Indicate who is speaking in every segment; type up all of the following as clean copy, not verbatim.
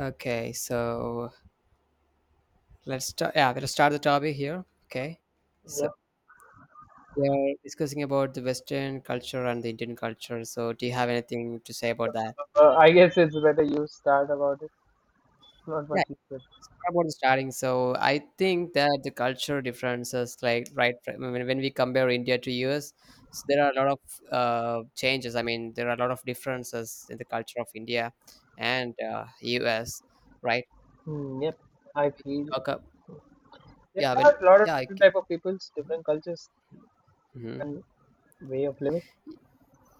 Speaker 1: Okay, so let's start. Yeah, let's start the topic here. Okay, so
Speaker 2: Yep.
Speaker 1: we are discussing about the Western culture and the Indian culture. So, do you have anything to say about that?
Speaker 2: I guess it's better you start about it. Not
Speaker 1: Yeah,
Speaker 2: much you said.
Speaker 1: about the starting. So, I think that the culture differences, like when we compare India to US, so there are a lot of changes. I mean, there are a lot of differences in the culture of India and US, right?
Speaker 2: Hmm, yep. I feel
Speaker 1: Okay.
Speaker 2: there
Speaker 1: Yeah,
Speaker 2: are
Speaker 1: when
Speaker 2: a lot of
Speaker 1: yeah,
Speaker 2: different type of peoples, different cultures, and way of living.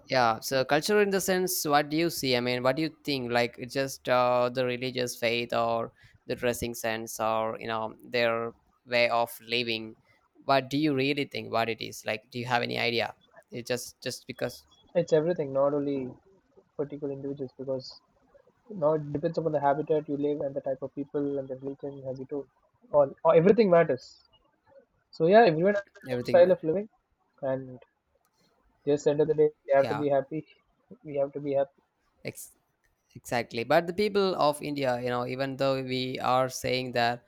Speaker 1: yeah, so culture in the sense, what do you see? I mean, what do you think? Like, it's just the religious faith or the dressing sense or, you know, their way of living. What do you really think what it is? Like, do you have any idea? It
Speaker 2: It's,
Speaker 1: just because
Speaker 2: it's everything, not only particular individuals, because now it depends upon the habitat you live and the type of people and the religion, as you told. All, or everything matters. So yeah, everyone has their own
Speaker 1: everything,
Speaker 2: style of living, and just end of the day, they have to
Speaker 1: yeah.
Speaker 2: be happy. We have to be happy.
Speaker 1: Ex- Exactly. But the people of India, you know, even though we are saying that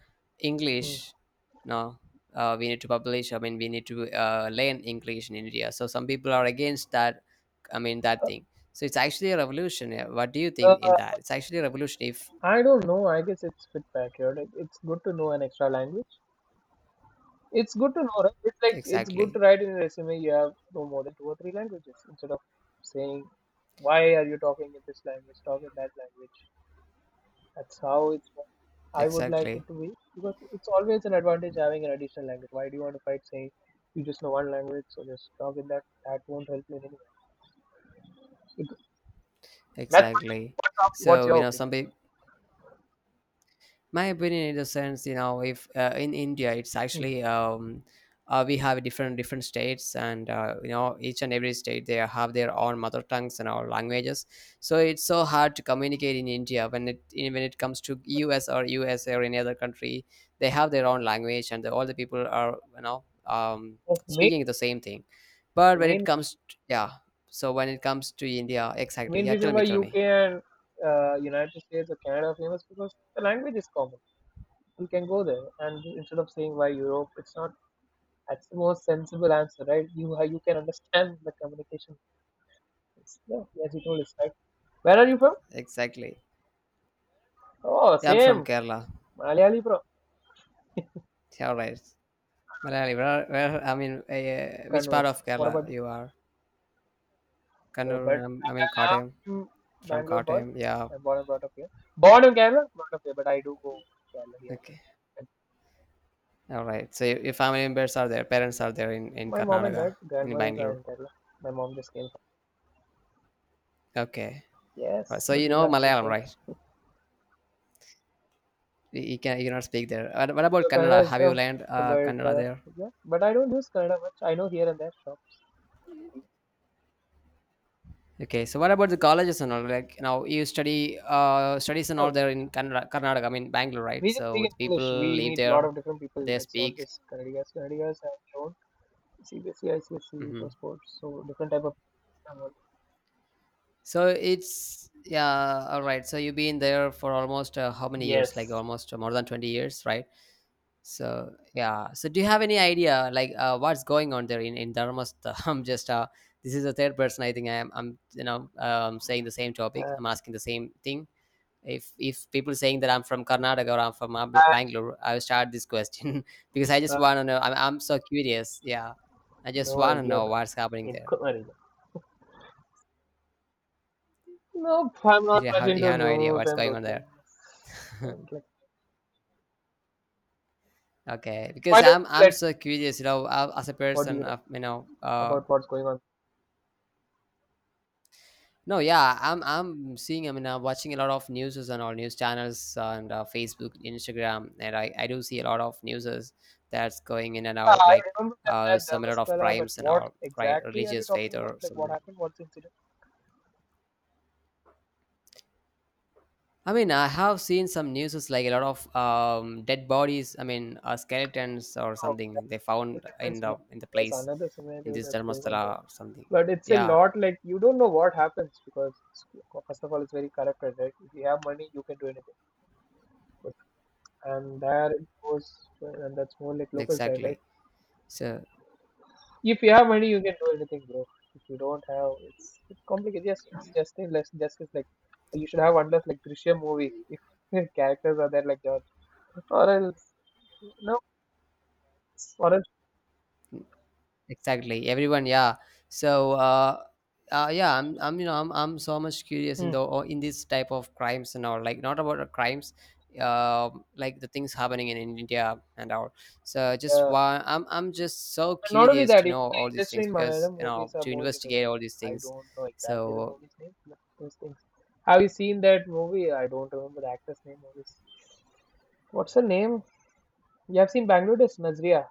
Speaker 2: Hmm.
Speaker 1: English, no, we need to learn English in India. So some people are against that, I mean, that thing. So it's actually a revolution. Yeah. What do you think in
Speaker 2: Uh,
Speaker 1: that? It's actually a revolution if,
Speaker 2: I don't know. I guess it's fit backyard. Like, it's good to know an extra language. It's good to know, right? It's like it's good to
Speaker 1: exactly,
Speaker 2: write in a resume you have no more than two or three languages instead of saying why are you talking in this language, talk in that language. That's how it's. I would like it
Speaker 1: exactly,
Speaker 2: to be because it's always an advantage having an additional language. Why do you want to fight saying you just know one language, so just talk in that? That won't help you in any way. It- That's
Speaker 1: exactly.
Speaker 2: what's
Speaker 1: So, you
Speaker 2: your
Speaker 1: know,
Speaker 2: opinion?
Speaker 1: my opinion in the sense, you know, if in India, it's
Speaker 2: Hmm.
Speaker 1: actually we have different states and you know, each and every state, they have their own mother tongues and our languages. So it's so hard to communicate in India when when it comes to US or any other country. They have their own language and all the people are, you know,
Speaker 2: That's main
Speaker 1: speaking the same thing. But when it
Speaker 2: main
Speaker 1: comes to, yeah, so when it comes to India,
Speaker 2: The
Speaker 1: exactly.
Speaker 2: main
Speaker 1: Yeah,
Speaker 2: reason
Speaker 1: tell me,
Speaker 2: why
Speaker 1: tell me.
Speaker 2: UK and United States or Canada are famous because the language is common. You can go there, and instead of saying why Europe, it's not. That's the most sensible answer, right? You how you can understand the communication. It's, yeah, as you told us, right? Where are you from?
Speaker 1: Exactly.
Speaker 2: Oh,
Speaker 1: Yeah, I'm
Speaker 2: same.
Speaker 1: from Kerala.
Speaker 2: Malayali from
Speaker 1: Yeah, all right. Malayali, where I mean, which
Speaker 2: Kannur.
Speaker 1: part of
Speaker 2: What about
Speaker 1: Kerala
Speaker 2: you?
Speaker 1: you are?
Speaker 2: Oh, but
Speaker 1: Kannur, I mean,
Speaker 2: I'm
Speaker 1: Kottayam,
Speaker 2: from
Speaker 1: from
Speaker 2: Bangalore boy.
Speaker 1: Kottayam. Yeah,
Speaker 2: I'm born and brought up here. Born in Kerala, brought up here, but I do go Kerala here
Speaker 1: okay,
Speaker 2: and there.
Speaker 1: all right. So your family members are there, parents are there in
Speaker 2: My mom and
Speaker 1: Karnataka,
Speaker 2: dad,
Speaker 1: in
Speaker 2: grandmothers are
Speaker 1: Bangalore.
Speaker 2: in Kerala. My mom just came.
Speaker 1: Okay, right.
Speaker 2: Yes,
Speaker 1: So
Speaker 2: but
Speaker 1: you
Speaker 2: we
Speaker 1: know
Speaker 2: can't speak
Speaker 1: Malayalam,
Speaker 2: right.
Speaker 1: right? You cannot speak there. What about
Speaker 2: So
Speaker 1: Kannada?
Speaker 2: Kannada is
Speaker 1: Have you
Speaker 2: tough,
Speaker 1: learned
Speaker 2: but
Speaker 1: Kannada there?
Speaker 2: yeah, but I don't use Kannada much. I know here and there. Sure.
Speaker 1: Okay, so what about the colleges and all? Like now, you study studies and all
Speaker 2: Sure.
Speaker 1: there in Kannada, Karnataka. I mean, Bangalore, right?
Speaker 2: We just
Speaker 1: So
Speaker 2: speak
Speaker 1: the
Speaker 2: English.
Speaker 1: people
Speaker 2: We
Speaker 1: live
Speaker 2: meet a lot
Speaker 1: there,
Speaker 2: of different people.
Speaker 1: they
Speaker 2: It's not
Speaker 1: speak.
Speaker 2: just Kannadigas. Kannadigas have their own CBSE, ICSE, so
Speaker 1: Mhm.
Speaker 2: sports, so different type of people.
Speaker 1: So it's, yeah, all right. So you've been there for almost how many years? Like
Speaker 2: Yes.
Speaker 1: almost more than 20 years, right? So yeah. So do you have any idea like what's going on there in Dharmastha? I'm just this is the third person, I think I am. I'm, you know, saying the same topic.
Speaker 2: Uh,
Speaker 1: I'm asking the same thing. If people saying that I'm from Karnataka or I'm from
Speaker 2: I
Speaker 1: Bangalore, I'll start this question because I just
Speaker 2: have
Speaker 1: want to know. I'm so curious. Yeah, I just
Speaker 2: no
Speaker 1: want to
Speaker 2: idea,
Speaker 1: know
Speaker 2: bro.
Speaker 1: what's happening
Speaker 2: In
Speaker 1: there.
Speaker 2: Kumarina. No, I'm not
Speaker 1: You
Speaker 2: much
Speaker 1: have you
Speaker 2: into
Speaker 1: have no idea
Speaker 2: news
Speaker 1: what's
Speaker 2: and
Speaker 1: going
Speaker 2: those
Speaker 1: on
Speaker 2: things.
Speaker 1: there.
Speaker 2: Kind of like,
Speaker 1: Okay,
Speaker 2: why
Speaker 1: because
Speaker 2: don't
Speaker 1: I'm
Speaker 2: you
Speaker 1: I'm
Speaker 2: let?
Speaker 1: so curious, you know, as a
Speaker 2: What do you
Speaker 1: person
Speaker 2: know
Speaker 1: of, you know,
Speaker 2: about what's going on?
Speaker 1: no, yeah, I'm seeing, I mean, I'm watching a lot of news and all news channels and Facebook, Instagram, and I do see a lot of newses that's going in and
Speaker 2: Yeah,
Speaker 1: out,
Speaker 2: I
Speaker 1: like
Speaker 2: remember that,
Speaker 1: some a lot of
Speaker 2: Dharmaspala, but
Speaker 1: crimes and
Speaker 2: what
Speaker 1: all, right,
Speaker 2: exactly are you
Speaker 1: religious
Speaker 2: talking
Speaker 1: faith
Speaker 2: about?
Speaker 1: or
Speaker 2: Like, what
Speaker 1: something.
Speaker 2: happened? What's the incident?
Speaker 1: I mean, I have seen some newses like a lot of dead bodies. I mean, skeletons or
Speaker 2: Oh,
Speaker 1: something they
Speaker 2: that's
Speaker 1: found
Speaker 2: a different
Speaker 1: in
Speaker 2: scenario.
Speaker 1: the in the
Speaker 2: There's
Speaker 1: place
Speaker 2: another
Speaker 1: in
Speaker 2: scenario
Speaker 1: this
Speaker 2: that's going on there.
Speaker 1: Dharmastala or something.
Speaker 2: But it's a
Speaker 1: Yeah,
Speaker 2: lot like you don't know what happens because, first of all, it's very corrupted, right? If you have money, you can do anything. But— and there it goes, and that's more like local side, right?
Speaker 1: exactly. So
Speaker 2: If you have money, you can do anything, bro. If you don't have, it's complicated. Yes, it's just in less, just it's like you should have one less like Drishyam movie if characters are there like that. Or else no, or else
Speaker 1: exactly, everyone, yeah. So yeah, I'm you know I'm so much curious in
Speaker 2: Hmm.
Speaker 1: the or in this type of crimes and all, like not about the crimes, like the things happening in India and all. So just
Speaker 2: uh,
Speaker 1: why I'm just so
Speaker 2: and not only
Speaker 1: curious
Speaker 2: that,
Speaker 1: to
Speaker 2: even
Speaker 1: know
Speaker 2: the
Speaker 1: all these
Speaker 2: industry
Speaker 1: things
Speaker 2: in
Speaker 1: because,
Speaker 2: Malayalam
Speaker 1: you
Speaker 2: movies
Speaker 1: know,
Speaker 2: are
Speaker 1: to
Speaker 2: moving into
Speaker 1: investigate
Speaker 2: that.
Speaker 1: all these
Speaker 2: I
Speaker 1: things.
Speaker 2: don't know exactly the
Speaker 1: So
Speaker 2: movie's name, but those things. Have you seen that movie? I don't remember the actor's name. Of What's her name? You have seen Bangladesh Nazria.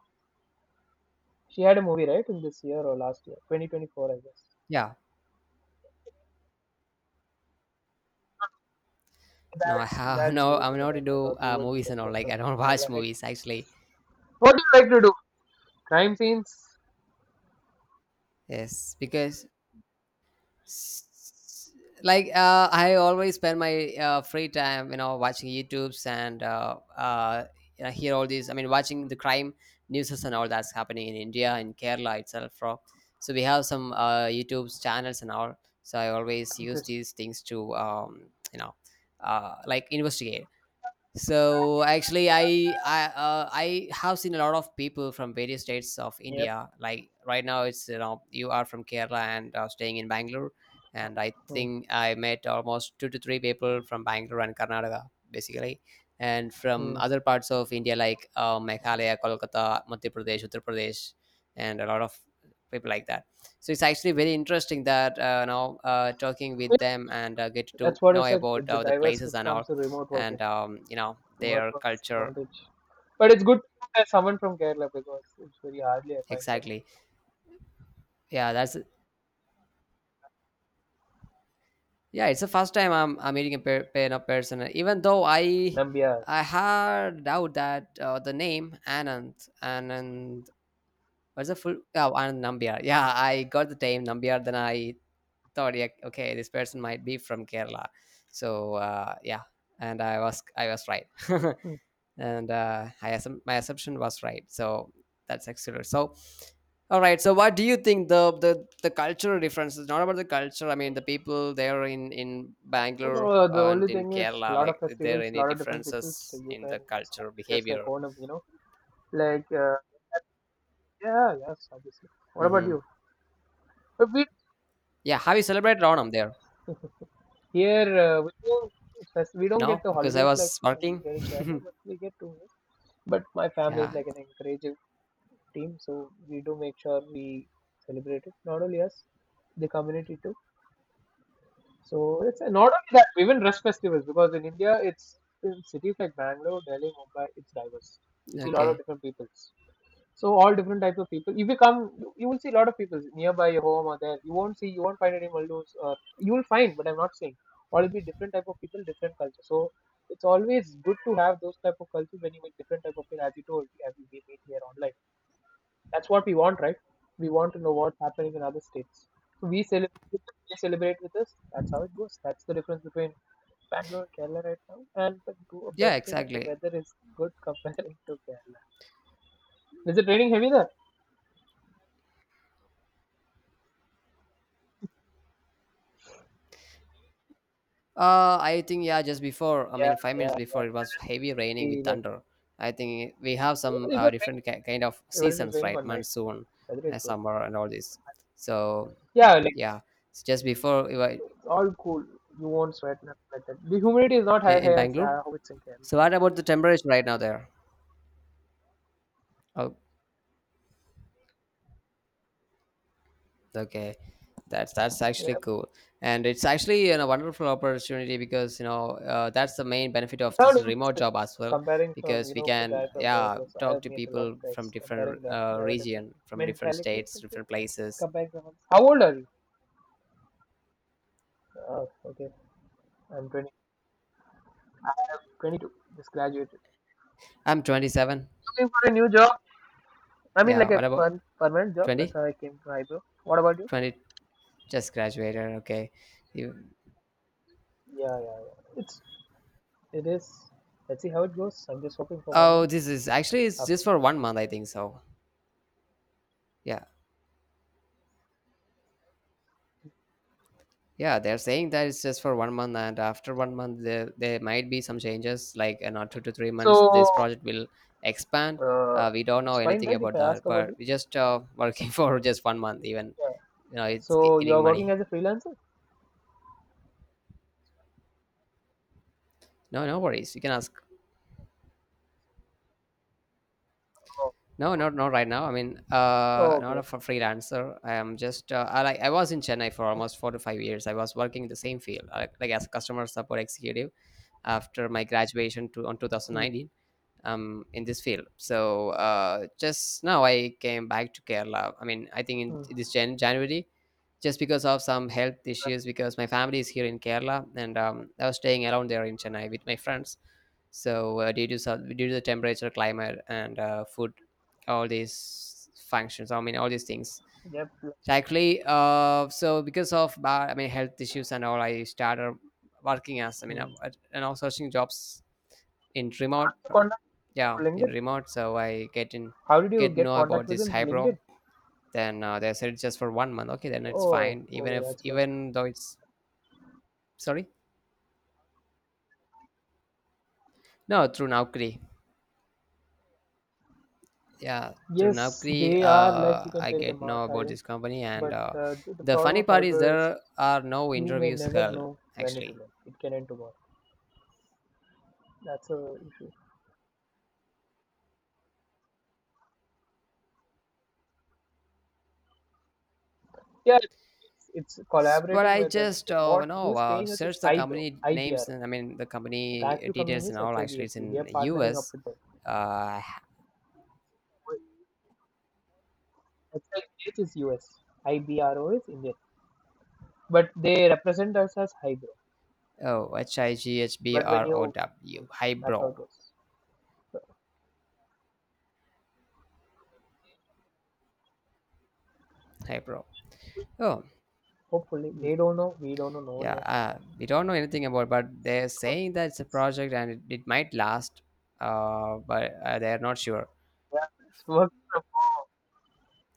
Speaker 2: She had a movie right in this year or last year, 2024, I guess.
Speaker 1: yeah, no, I have
Speaker 2: That's
Speaker 1: no, I'm
Speaker 2: related to
Speaker 1: not
Speaker 2: that. I
Speaker 1: into
Speaker 2: thought you would
Speaker 1: movies
Speaker 2: because
Speaker 1: and
Speaker 2: you're
Speaker 1: all. Like I
Speaker 2: from
Speaker 1: don't watch
Speaker 2: Kerala, right?
Speaker 1: movies actually.
Speaker 2: What do you like to do? Crime scenes.
Speaker 1: Yes, because S- like I always spend my free time, you know, watching YouTube's and you know, hear all these. I mean, watching the crime news and all that's happening in India and Kerala itself, bro. So we have some YouTube's channels and all. So I always use
Speaker 2: Interesting.
Speaker 1: these things to, you know, like investigate. So actually, I have seen a lot of people from various states of
Speaker 2: Yep.
Speaker 1: India. Like right now, it's, you know, you are from Kerala and are staying in Bangalore, and I
Speaker 2: Hmm.
Speaker 1: think I met almost two to three people from Bangalore and Karnataka, basically, and from
Speaker 2: Hmm.
Speaker 1: other parts of India like Meghalaya, Kolkata, Madhya Pradesh, Uttar Pradesh, and a lot of people like that. So it's actually very interesting that, you know, talking with them and get to
Speaker 2: That's what I
Speaker 1: know
Speaker 2: said.
Speaker 1: about
Speaker 2: It's the
Speaker 1: the
Speaker 2: diverse
Speaker 1: places
Speaker 2: which
Speaker 1: and
Speaker 2: comes
Speaker 1: all
Speaker 2: to remote working,
Speaker 1: and you know,
Speaker 2: remote
Speaker 1: their
Speaker 2: work
Speaker 1: culture.
Speaker 2: advantage. But it's good to have someone from Kerala because it's very hardly I find someone.
Speaker 1: Exactly. Yeah, that's, yeah, it's the first time I'm meeting a you know, person, even though i
Speaker 2: Nambiar.
Speaker 1: i had doubt that the name Anand, what's the full? Oh, Anand Nambiar. Yeah, I got the name Nambiar, then I thought, yeah, okay, this person might be from Kerala. So yeah, and I was right.
Speaker 2: Hmm.
Speaker 1: And my assumption was right. So that's excellent. So, all right. So, what do you think the cultural differences? Not about the culture. I mean, the people there in
Speaker 2: Well,
Speaker 1: Bangalore
Speaker 2: no, the only
Speaker 1: and in
Speaker 2: thing is a
Speaker 1: Kerala.
Speaker 2: lot of
Speaker 1: Like, is there
Speaker 2: festivals, a
Speaker 1: any
Speaker 2: lot of different people, so
Speaker 1: differences
Speaker 2: you
Speaker 1: in
Speaker 2: can
Speaker 1: the culture
Speaker 2: exactly just like
Speaker 1: behavior?
Speaker 2: Onam, you know, like uh, yeah, yes, obviously. What about
Speaker 1: Hmm.
Speaker 2: you? But we
Speaker 1: Yeah. Have you celebrated Onam there?
Speaker 2: here we don't fest- We don't get
Speaker 1: No,
Speaker 2: the
Speaker 1: because I
Speaker 2: holidays like
Speaker 1: was
Speaker 2: you
Speaker 1: working.
Speaker 2: get in Kerala, but we get two. But my family is
Speaker 1: Yeah.
Speaker 2: like an encourage team. So we do make sure we celebrate it. Not only us, the community too. So it's and not only that, even rush festivals because in India, it's in cities like Bangalore, Delhi, Mumbai, it's diverse. You see a lot of
Speaker 1: Okay.
Speaker 2: different peoples. So all different types of people. If you come, you will see a lot of people nearby your home or there. You won't see, you won't find any Maldos or you will find, but I'm not saying. All will be different type of people, different culture. So it's always good to have those type of cultures when you meet different type of people, as you told, as we meet here online. That's what we want, right? We want to know what's happening in other states. So we celebrate, they celebrate with us. That's how it goes. That's the difference between Bangalore and Kerala right now. And the
Speaker 1: Yeah.
Speaker 2: best thing is the
Speaker 1: Exactly.
Speaker 2: weather is good comparing to Kerala. Is it raining heavy there?
Speaker 1: I think yeah, just before. I
Speaker 2: Yeah,
Speaker 1: mean, 5 minutes
Speaker 2: yeah.
Speaker 1: before it was heavy raining with
Speaker 2: We like
Speaker 1: thunder. I think we have some
Speaker 2: it was raining.
Speaker 1: different kind of
Speaker 2: It was
Speaker 1: seasons,
Speaker 2: raining
Speaker 1: right?
Speaker 2: all night.
Speaker 1: Monsoon,
Speaker 2: Weather is good.
Speaker 1: summer, and all this. So
Speaker 2: Yeah, like
Speaker 1: yeah, it's just before we were
Speaker 2: it's all cool. You won't sweat nothing like that. The humidity is not
Speaker 1: in
Speaker 2: high as
Speaker 1: Bangalore.
Speaker 2: how it's in Kerala.
Speaker 1: So what about the temperature right now there? Oh. Okay, that's actually cool, and it's actually, you know, a wonderful opportunity because, you know, that's the main benefit of
Speaker 2: Third,
Speaker 1: this remote
Speaker 2: interesting.
Speaker 1: job as well,
Speaker 2: Comparing from, you
Speaker 1: because we
Speaker 2: know, the
Speaker 1: can,
Speaker 2: guy from Kerala,
Speaker 1: yeah,
Speaker 2: because I
Speaker 1: talk
Speaker 2: have
Speaker 1: to
Speaker 2: met a lot of
Speaker 1: people from
Speaker 2: guys
Speaker 1: different
Speaker 2: comparing that. You have a different
Speaker 1: region, from different
Speaker 2: mentality
Speaker 1: states,
Speaker 2: something,
Speaker 1: different places.
Speaker 2: comparing someone. How old are you? Oh, okay, I'm 20. I am 22. Just graduated.
Speaker 1: I'm 27.
Speaker 2: Looking for a new job. I mean, like
Speaker 1: Yeah,
Speaker 2: a
Speaker 1: what about
Speaker 2: permanent job. That's
Speaker 1: 20?
Speaker 2: how I came to Hybro. What about you?
Speaker 1: 20, just graduated. Okay, you.
Speaker 2: Yeah. It's, it is. Let's see how it goes. I'm just hoping for one
Speaker 1: Oh,
Speaker 2: month.
Speaker 1: this is actually it's
Speaker 2: After.
Speaker 1: just for one month, I think so. Yeah, yeah, they're saying that it's just for one month, and after one month, there might be some changes. Like in not 2 to 3 months, this
Speaker 2: So,
Speaker 1: project will expand.
Speaker 2: uh,
Speaker 1: We don't
Speaker 2: it's
Speaker 1: know
Speaker 2: fine,
Speaker 1: anything
Speaker 2: right? If
Speaker 1: about
Speaker 2: I ask
Speaker 1: that,
Speaker 2: about
Speaker 1: but
Speaker 2: you?
Speaker 1: we just working for just one month. Even,
Speaker 2: Yeah.
Speaker 1: you know, it's
Speaker 2: So, you're
Speaker 1: getting
Speaker 2: working
Speaker 1: money.
Speaker 2: as a freelancer?
Speaker 1: No, no worries. You can ask.
Speaker 2: Oh.
Speaker 1: No, not right now. I mean, not
Speaker 2: Okay.
Speaker 1: a freelancer. I am just. I like. I was in Chennai for almost 4 to 5 years. I was working in the same field, like as a customer support executive after my graduation to on
Speaker 2: Mm,
Speaker 1: 2019, in this field. So just now I came back to Kerala. I mean, I think in
Speaker 2: mm.
Speaker 1: this January, just because of some health issues, because my
Speaker 2: Yes.
Speaker 1: family is here in Kerala, and I was staying around there in Chennai with my friends. So due to the temperature, climate, and food, all these functions. I mean, all these things.
Speaker 2: Yep, yep.
Speaker 1: So actually, so because of I mean health issues and all, I started working as I mean,
Speaker 2: Mm.
Speaker 1: and also searching jobs in remote,
Speaker 2: Contact
Speaker 1: yeah,
Speaker 2: through
Speaker 1: in
Speaker 2: LinkedIn.
Speaker 1: remote. So I get in
Speaker 2: How did you
Speaker 1: get
Speaker 2: get
Speaker 1: know
Speaker 2: contact
Speaker 1: about
Speaker 2: with
Speaker 1: this
Speaker 2: him?
Speaker 1: Hybrid.
Speaker 2: LinkedIn.
Speaker 1: Then they said it's just for one month, okay, then it's
Speaker 2: Oh,
Speaker 1: fine,
Speaker 2: okay, that's good.
Speaker 1: even though it's, sorry, no, through Naukri. Yeah, through
Speaker 2: Yes,
Speaker 1: Naukri
Speaker 2: they are like you can
Speaker 1: I
Speaker 2: say like a
Speaker 1: get
Speaker 2: mass
Speaker 1: know about
Speaker 2: hiring,
Speaker 1: this company and
Speaker 2: but the
Speaker 1: the
Speaker 2: problem
Speaker 1: funny
Speaker 2: of
Speaker 1: part is
Speaker 2: fiber is
Speaker 1: there are no
Speaker 2: you may
Speaker 1: interviews
Speaker 2: never
Speaker 1: held
Speaker 2: know when it
Speaker 1: actually.
Speaker 2: will end. It can end tomorrow. That's a issue. Yeah, it's, it's
Speaker 1: But
Speaker 2: collaborating
Speaker 1: I
Speaker 2: with an
Speaker 1: just
Speaker 2: Indian. What
Speaker 1: you know,
Speaker 2: who's paying us is
Speaker 1: search the
Speaker 2: IBRO,
Speaker 1: company names
Speaker 2: IBRO.
Speaker 1: and I mean the
Speaker 2: The
Speaker 1: company
Speaker 2: actual company name
Speaker 1: details and
Speaker 2: is
Speaker 1: all. Actually, it's
Speaker 2: HIBHP. They
Speaker 1: in
Speaker 2: are partnering up
Speaker 1: US,
Speaker 2: with them.
Speaker 1: I
Speaker 2: HIBH is U S. IBRO is Indian, but they represent us as highbrow.
Speaker 1: oh, H I G H B
Speaker 2: But when
Speaker 1: R O
Speaker 2: you,
Speaker 1: W.
Speaker 2: that's how it
Speaker 1: Highbrow.
Speaker 2: goes. So
Speaker 1: Highbrow. Oh,
Speaker 2: hopefully, they don't know, we don't know, no one
Speaker 1: yeah.
Speaker 2: knows.
Speaker 1: We don't know anything about, but they're
Speaker 2: So,
Speaker 1: saying that it's a project and it might last. But they're not sure.
Speaker 2: yeah, it's work from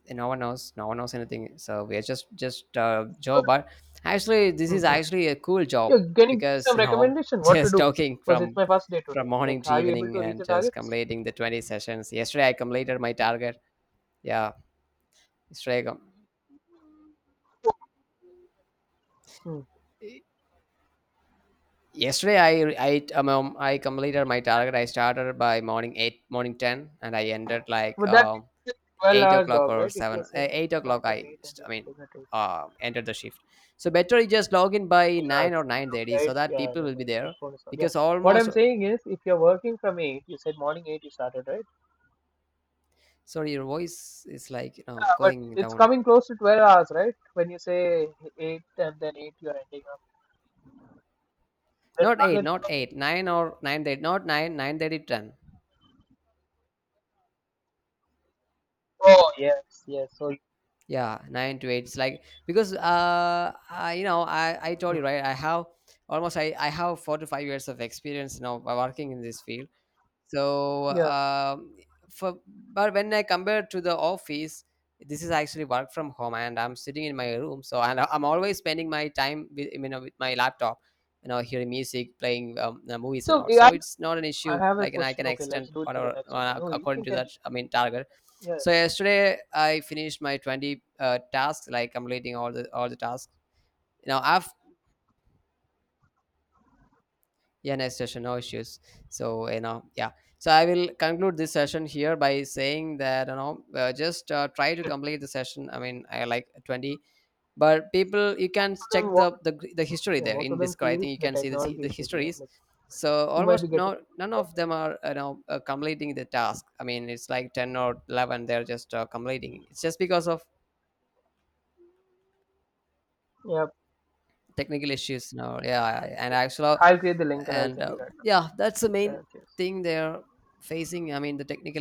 Speaker 1: And no one knows. No one knows anything. So we are just Joe. But actually, this is
Speaker 2: home.
Speaker 1: actually a cool
Speaker 2: Yeah,
Speaker 1: job
Speaker 2: can you give me
Speaker 1: because,
Speaker 2: some
Speaker 1: you know,
Speaker 2: recommendation what to
Speaker 1: just
Speaker 2: do?
Speaker 1: talking
Speaker 2: Because it's
Speaker 1: from
Speaker 2: my first day today.
Speaker 1: from
Speaker 2: Like,
Speaker 1: morning to
Speaker 2: are you able
Speaker 1: evening
Speaker 2: to reach
Speaker 1: and
Speaker 2: the
Speaker 1: just
Speaker 2: targets?
Speaker 1: completing the 20 sessions. Yesterday I completed my target. Yeah, yesterday
Speaker 2: Hmm.
Speaker 1: Yesterday, I completed my target. I started by morning eight, morning ten, and I ended like
Speaker 2: Would that be a 12
Speaker 1: eight
Speaker 2: hours
Speaker 1: o'clock
Speaker 2: job,
Speaker 1: or
Speaker 2: right? If you're
Speaker 1: seven,
Speaker 2: saying if
Speaker 1: eight
Speaker 2: you start
Speaker 1: o'clock.
Speaker 2: from 8 and you're
Speaker 1: I mean,
Speaker 2: ending at 8.
Speaker 1: entered the shift. So better you just log in by
Speaker 2: Yeah,
Speaker 1: nine
Speaker 2: it's
Speaker 1: or
Speaker 2: too
Speaker 1: nine thirty,
Speaker 2: low, right?
Speaker 1: so that
Speaker 2: Yeah,
Speaker 1: people
Speaker 2: no,
Speaker 1: will be
Speaker 2: my
Speaker 1: there
Speaker 2: headphone is on. Yeah.
Speaker 1: because
Speaker 2: What
Speaker 1: almost.
Speaker 2: I'm saying is, if you're working from 8, you said morning 8 you started, right?
Speaker 1: Sorry, your voice is like, you know,
Speaker 2: Yeah, but
Speaker 1: going
Speaker 2: it's
Speaker 1: down.
Speaker 2: coming close to 12 hours, right? When you say 8 and then 8, you're ending up. The
Speaker 1: Not eight,
Speaker 2: target
Speaker 1: not
Speaker 2: okay.
Speaker 1: eight, 9 or 9:30, not nine, 9:30, ten.
Speaker 2: Oh, yes, yes. So,
Speaker 1: Yeah, 9 to 8. It's like because I
Speaker 2: hmm,
Speaker 1: told you, right, I have almost, I have 4 to 5 years of experience now by working in this field. So,
Speaker 2: yeah.
Speaker 1: for but when I compare to the office, this is actually work from home, and I'm sitting in my room. So, and I'm always spending my time with, you know, with my laptop, you know, hearing music, playing movies
Speaker 2: So,
Speaker 1: and all.
Speaker 2: yeah,
Speaker 1: So it's not an
Speaker 2: I
Speaker 1: issue.
Speaker 2: have a
Speaker 1: Like, and I
Speaker 2: question.
Speaker 1: can
Speaker 2: Okay, let's
Speaker 1: extend
Speaker 2: do it for the
Speaker 1: whatever
Speaker 2: next record. No, you
Speaker 1: according
Speaker 2: can
Speaker 1: to that.
Speaker 2: continue.
Speaker 1: I mean, target.
Speaker 2: Yeah,
Speaker 1: So yesterday I finished my 20 tasks, like completing all the tasks. You know, I've yeah, next session. No issues. So you know, yeah. So I will conclude this session here by saying that, you know, just try
Speaker 2: you
Speaker 1: to
Speaker 2: can
Speaker 1: complete the
Speaker 2: continue.
Speaker 1: session. I mean, I, like, 20, but people, you can
Speaker 2: Most of them,
Speaker 1: check
Speaker 2: want,
Speaker 1: the history
Speaker 2: Yeah,
Speaker 1: there
Speaker 2: most of
Speaker 1: in
Speaker 2: them
Speaker 1: Discord. I
Speaker 2: feel
Speaker 1: think you
Speaker 2: the
Speaker 1: can see the
Speaker 2: technology issues, you know.
Speaker 1: histories.
Speaker 2: Like,
Speaker 1: So
Speaker 2: you might
Speaker 1: almost
Speaker 2: be getting.
Speaker 1: none of them are, you know, completing the task. I mean, it's like 10 or 11. They're just completing. It's just because of
Speaker 2: Yeah,
Speaker 1: technical issues now, yeah, and actually,
Speaker 2: I'll create the link and I'll
Speaker 1: and
Speaker 2: send you right
Speaker 1: yeah, that's the
Speaker 2: now.
Speaker 1: main
Speaker 2: Okay, cheers.
Speaker 1: thing they're facing. I mean, the technical